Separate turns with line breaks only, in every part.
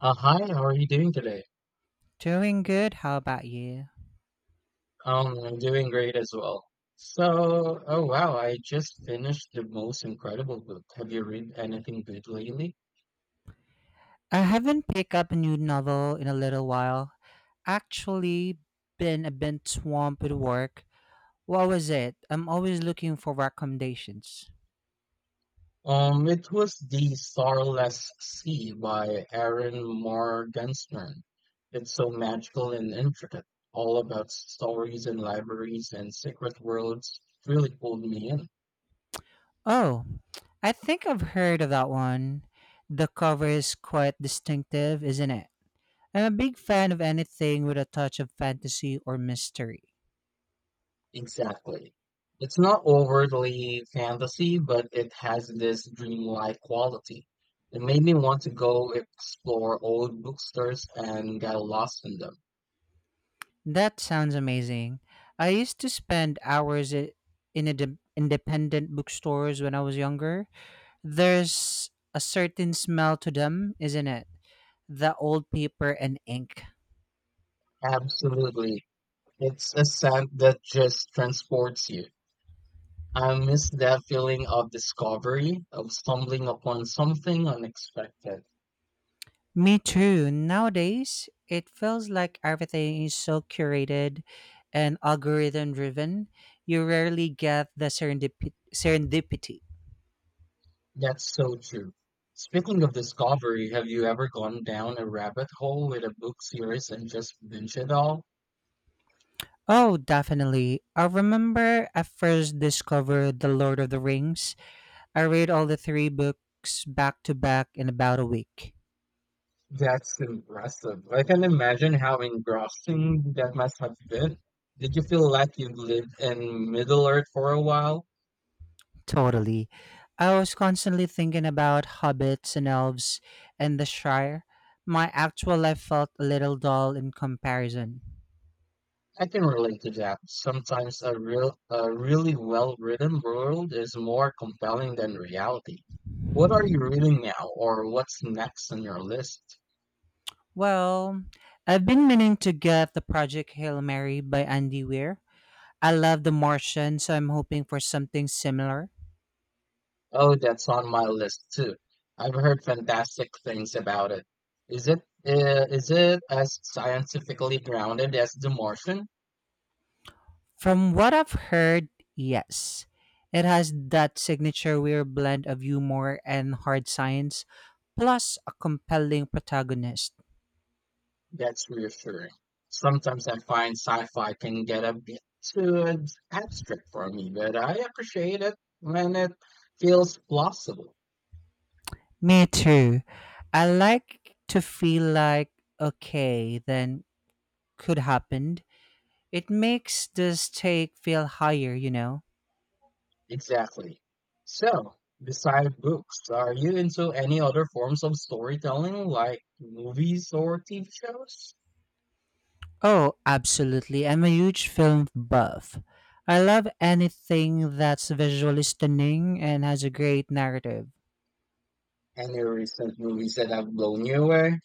Hi, how are you doing today?
Doing good. How about you?
I'm doing great as well. I just finished the most incredible book. Have you read anything good lately?
I haven't picked up a new novel in a little while. Actually, been a bit swamped with work. What was it? I'm always looking for recommendations.
It was The Starless Sea by Aaron Morgenstern. It's so magical and intricate, all about stories and libraries and secret worlds. Really pulled me in.
Oh, I think I've heard of that one. The cover is quite distinctive, isn't it? I'm a big fan of anything with a touch of fantasy or mystery.
Exactly. It's not overtly fantasy, but it has this dreamlike quality. It made me want to go explore old bookstores and get lost in them.
That sounds amazing. I used to spend hours in a independent bookstores when I was younger. There's a certain smell to them, isn't it? The old paper and ink.
Absolutely. It's a scent that just transports you. I miss that feeling of discovery, of stumbling upon something unexpected.
Me too. Nowadays, it feels like everything is so curated and algorithm driven. You rarely get the serendipity.
That's so true. Speaking of discovery, have you ever gone down a rabbit hole with a book series and just binge it all?
Oh, definitely. I remember I first discovered The Lord of the Rings. I read all the three books back to back in about a week.
That's impressive. I can imagine how engrossing that must have been. Did you feel like you lived in Middle Earth for a while?
Totally. I was constantly thinking about hobbits and elves and the Shire. My actual life felt a little dull in comparison.
I can relate to that. Sometimes a really well-written world is more compelling than reality. What are you reading now, or what's next on your list?
Well, I've been meaning to get the Project Hail Mary by Andy Weir. I love The Martian, so I'm hoping for something similar.
Oh, that's on my list too. I've heard fantastic things about it. Is it is it as scientifically grounded as The Martian?
From what I've heard, yes. It has that signature Weir blend of humor and hard science, plus a compelling protagonist.
That's reassuring. Sometimes I find sci-fi can get a bit too abstract for me, but I appreciate it when it feels plausible.
Me too. I like to feel like, okay, then could happened. It makes the stake feel higher, you know?
Exactly. So, besides books, are you into any other forms of storytelling like movies or TV shows?
Oh, absolutely. I'm a huge film buff. I love anything that's visually stunning and has a great narrative.
Any recent movies that have blown you away?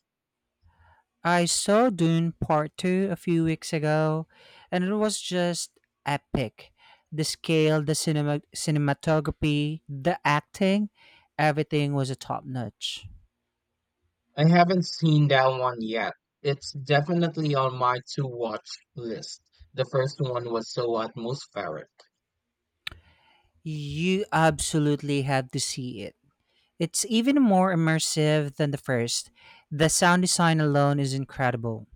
I saw Dune Part 2 a few weeks ago, and it was just epic. The scale, the cinematography, the acting, everything was a top notch.
I haven't seen that one yet. It's definitely on my to watch list. The first one was so atmospheric.
You absolutely have to see it. It's even more immersive than the first. The sound design alone is incredible.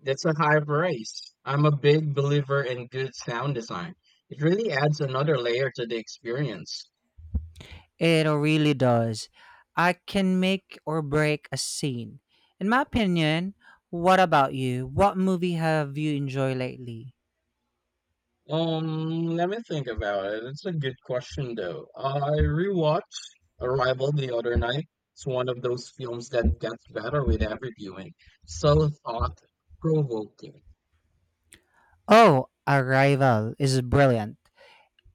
That's a high praise. I'm a big believer in good sound design. It really adds another layer to the experience.
It really does. I can make or break a scene. In my opinion, what about you? What movie have you enjoyed lately?
Let me think about it. It's a good question though. I rewatched Arrival the other night. It's one of those films that gets better with every viewing. So thought provoking.
Oh, Arrival is brilliant.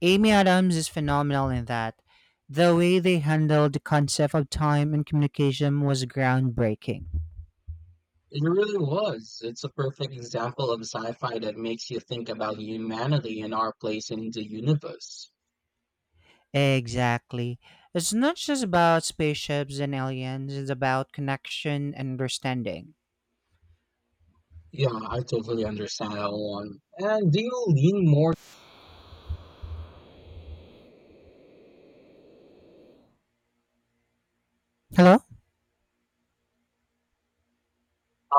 Amy Adams is phenomenal in that. The way they handled the concept of time and communication was groundbreaking.
It really was. It's a perfect example of sci-fi that makes you think about humanity and our place in the universe.
Exactly. It's not just about spaceships and aliens, it's about connection and understanding.
Yeah, I totally understand that one. And do you lean more
Hello?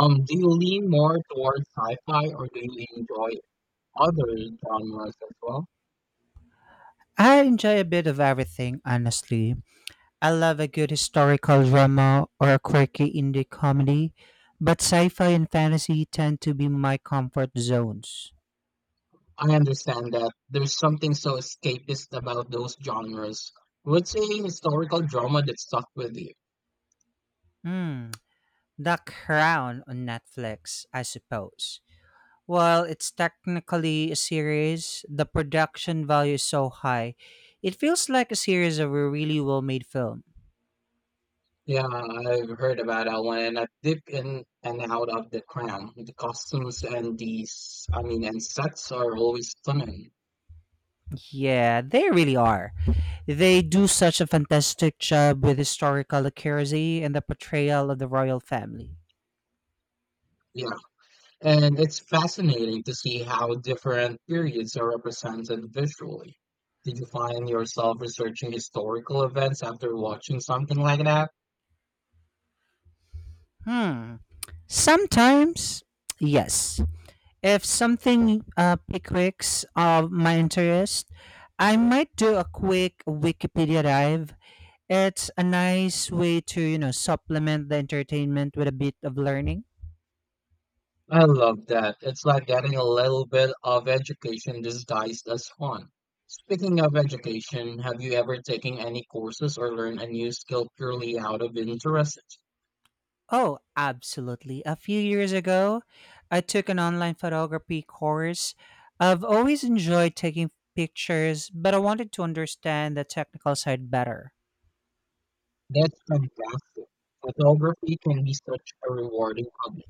Do you lean more towards sci-fi or do you enjoy other genres as well?
I enjoy a bit of everything, honestly. I love a good historical drama or a quirky indie comedy, but sci fi and fantasy tend to be my comfort zones.
I understand that there's something so escapist about those genres. What's a historical drama that stuck with you?
Hmm, The Crown on Netflix, I suppose. While it's technically a series, the production value is so high. It feels like a series of a really well made film.
Yeah, I've heard about that one and I dip in and out of the crown. The costumes and these I mean and sets are always stunning.
Yeah, they really are. They do such a fantastic job with historical accuracy and the portrayal of the royal family.
Yeah, and it's fascinating to see how different periods are represented visually. Did you find yourself researching historical events after watching something like that?
Hmm. Sometimes, yes. If something piques of my interest, I might do a quick Wikipedia dive. It's a nice way to, you know, supplement the entertainment with a bit of learning.
I love that. It's like getting a little bit of education disguised as fun. Speaking of education, have you ever taken any courses or learned a new skill purely out of interest?
Oh, absolutely. A few years ago, I took an online photography course. I've always enjoyed taking pictures, but I wanted to understand the technical side better.
That's fantastic. Photography can be such a rewarding hobby.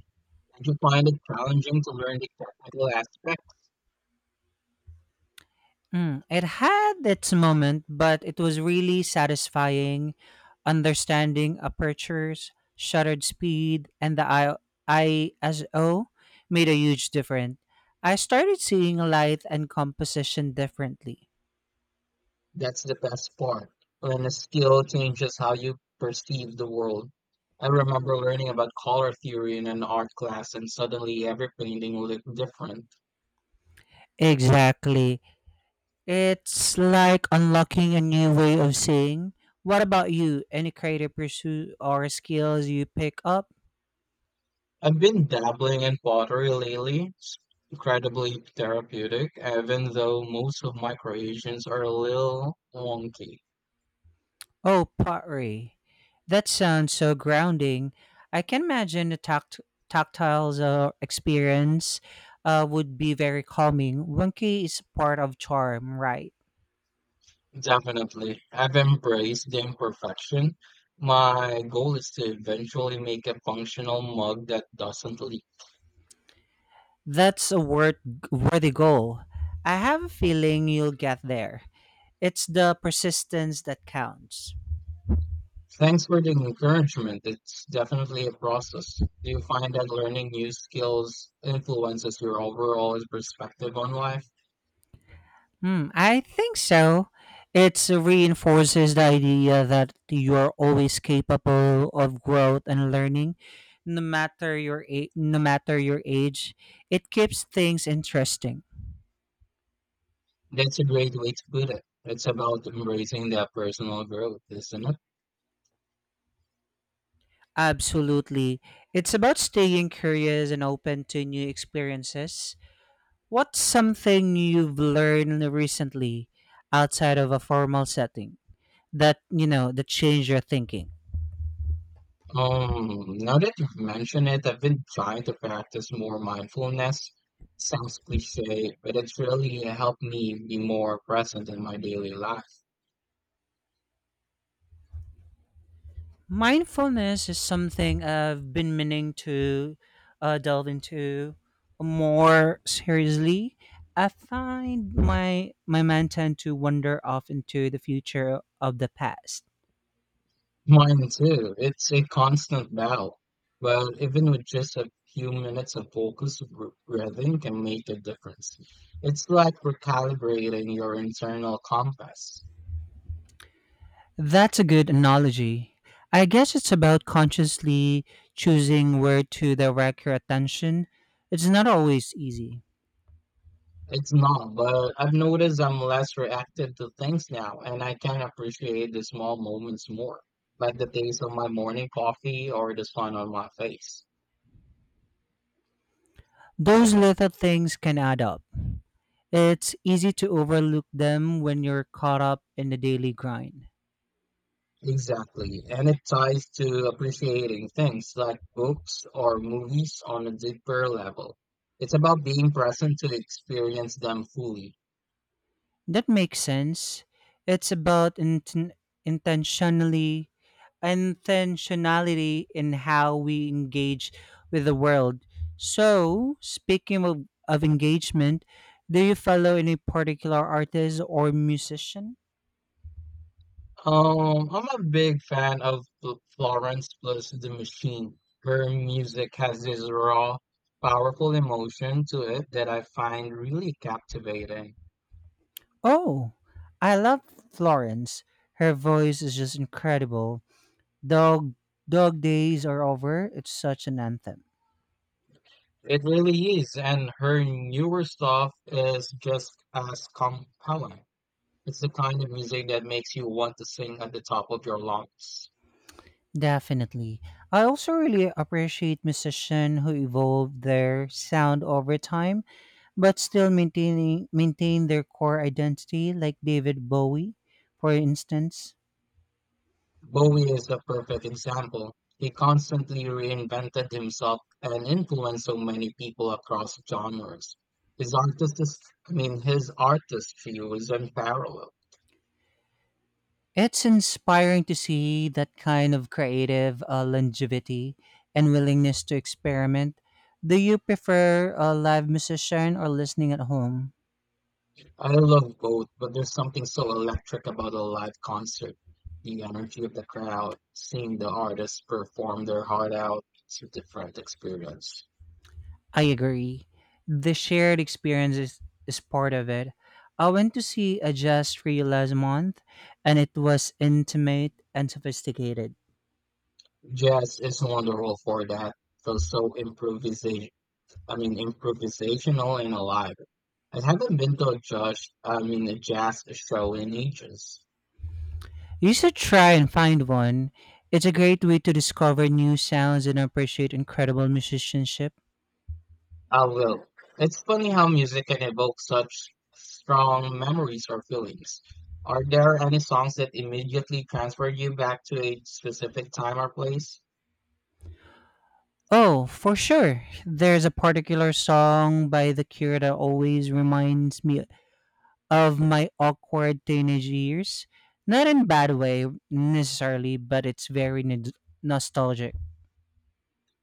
Did you find it challenging to learn the technical aspect?
Mm, it had its moment, but it was really satisfying understanding apertures, shutter speed, and the ISO made a huge difference. I started seeing light and composition differently.
That's the best part. When a skill changes how you perceive the world. I remember learning about color theory in an art class, and suddenly every painting looked different.
Exactly. It's like unlocking a new way of seeing. What about you? Any creative pursuit or skills you pick up?
I've been dabbling in pottery lately. It's incredibly therapeutic, even though most of my creations are a little wonky.
Oh, pottery. That sounds so grounding. I can imagine the tactile experience would be very calming. Winky is part of charm, right?
Definitely. I've embraced the imperfection. My goal is to eventually make a functional mug that doesn't leak.
That's a worthy goal. I have a feeling you'll get there. It's the persistence that counts.
Thanks for the encouragement. It's definitely a process. Do you find that learning new skills influences your overall perspective on life?
Hmm, I think so. It reinforces the idea that you're always capable of growth and learning, no matter your age. It keeps things interesting.
That's a great way to put it. It's about embracing that personal growth, isn't it?
Absolutely. It's about staying curious and open to new experiences. What's something you've learned recently outside of a formal setting that, you know, that changed your thinking?
Now that you've mentioned it, I've been trying to practice more mindfulness. Sounds cliche, but it's really helped me be more present in my daily life.
Mindfulness is something I've been meaning to delve into more seriously. I find my mind tend to wander off into the future of the past.
Mine too. It's a constant battle. But even with just a few minutes of focused breathing can make a difference. It's like recalibrating your internal compass.
That's a good analogy. I guess it's about consciously choosing where to direct your attention. It's not always easy.
It's not, but I've noticed I'm less reactive to things now, and I can appreciate the small moments more, like the taste of my morning coffee or the sun on my face.
Those little things can add up. It's easy to overlook them when you're caught up in the daily grind.
Exactly. And it ties to appreciating things like books or movies on a deeper level. It's about being present to experience them fully.
That makes sense. It's about inten- intentionally intentionality in how we engage with the world. So, speaking of engagement, do you follow any particular artist or musician?
I'm a big fan of Florence plus the Machine. Her music has this raw, powerful emotion to it that I find really captivating.
Oh, I love Florence. Her voice is just incredible. Dog Dog Days Are Over. It's such an anthem.
It really is, and her newer stuff is just as compelling. It's the kind of music that makes you want to sing at the top of your lungs.
Definitely. I also really appreciate musicians who evolve their sound over time, but still maintaining maintain their core identity, like David Bowie, for instance.
Bowie is the perfect example. He constantly reinvented himself and influenced so many people across genres. His artist, is, his artistry was unparalleled.
It's inspiring to see that kind of creative longevity and willingness to experiment. Do you prefer a live musician or listening at home?
I love both, but there's something so electric about a live concert. The energy of the crowd, seeing the artists perform their heart out, it's a different experience.
I agree. The shared experience is part of it. I went to see a jazz trio last month, and it was intimate and sophisticated.
Jazz is wonderful for that. So so improvisation. Improvisational and alive. I haven't been to a judge. I mean, a jazz show in ages.
You should try and find one. It's a great way to discover new sounds and appreciate incredible musicianship.
I will. It's funny how music can evoke such strong memories or feelings. Are there any songs that immediately transfer you back to a specific time or place?
Oh, for sure. There's a particular song by The Cure that always reminds me of my awkward teenage years. Not in a bad way necessarily, but it's very nostalgic.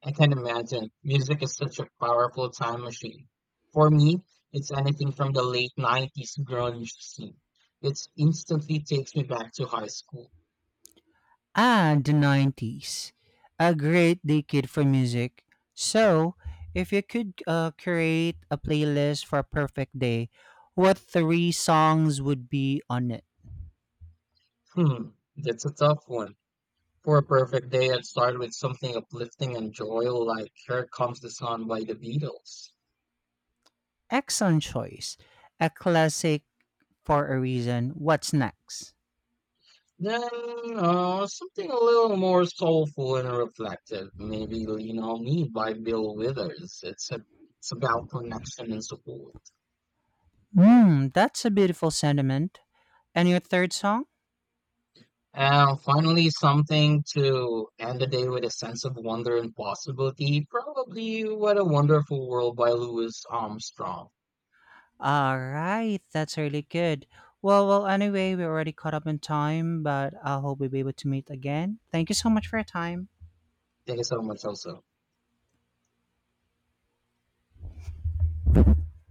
I can imagine. Music is such a powerful time machine. For me, it's anything from the late 90s grunge scene. It instantly takes me back to high school.
And the 90s. A great decade for music. So, if you could create a playlist for a perfect day, what three songs would be on it?
Hmm, that's a tough one. For a perfect day, I'd start with something uplifting and joyful like Here Comes the Sun by the Beatles.
Excellent choice. A classic for a reason. What's next?
Then, something a little more soulful and reflective. Maybe Lean On Me by Bill Withers. It's about connection and support.
Hmm, that's a beautiful sentiment. And your third song?
And finally, something to end the day with a sense of wonder and possibility. Probably What a Wonderful World by Louis Armstrong.
All right, that's really good. Well, anyway, we're already caught up in time, but I hope we'll be able to meet again. Thank you so much for your time.
Thank you so much, also.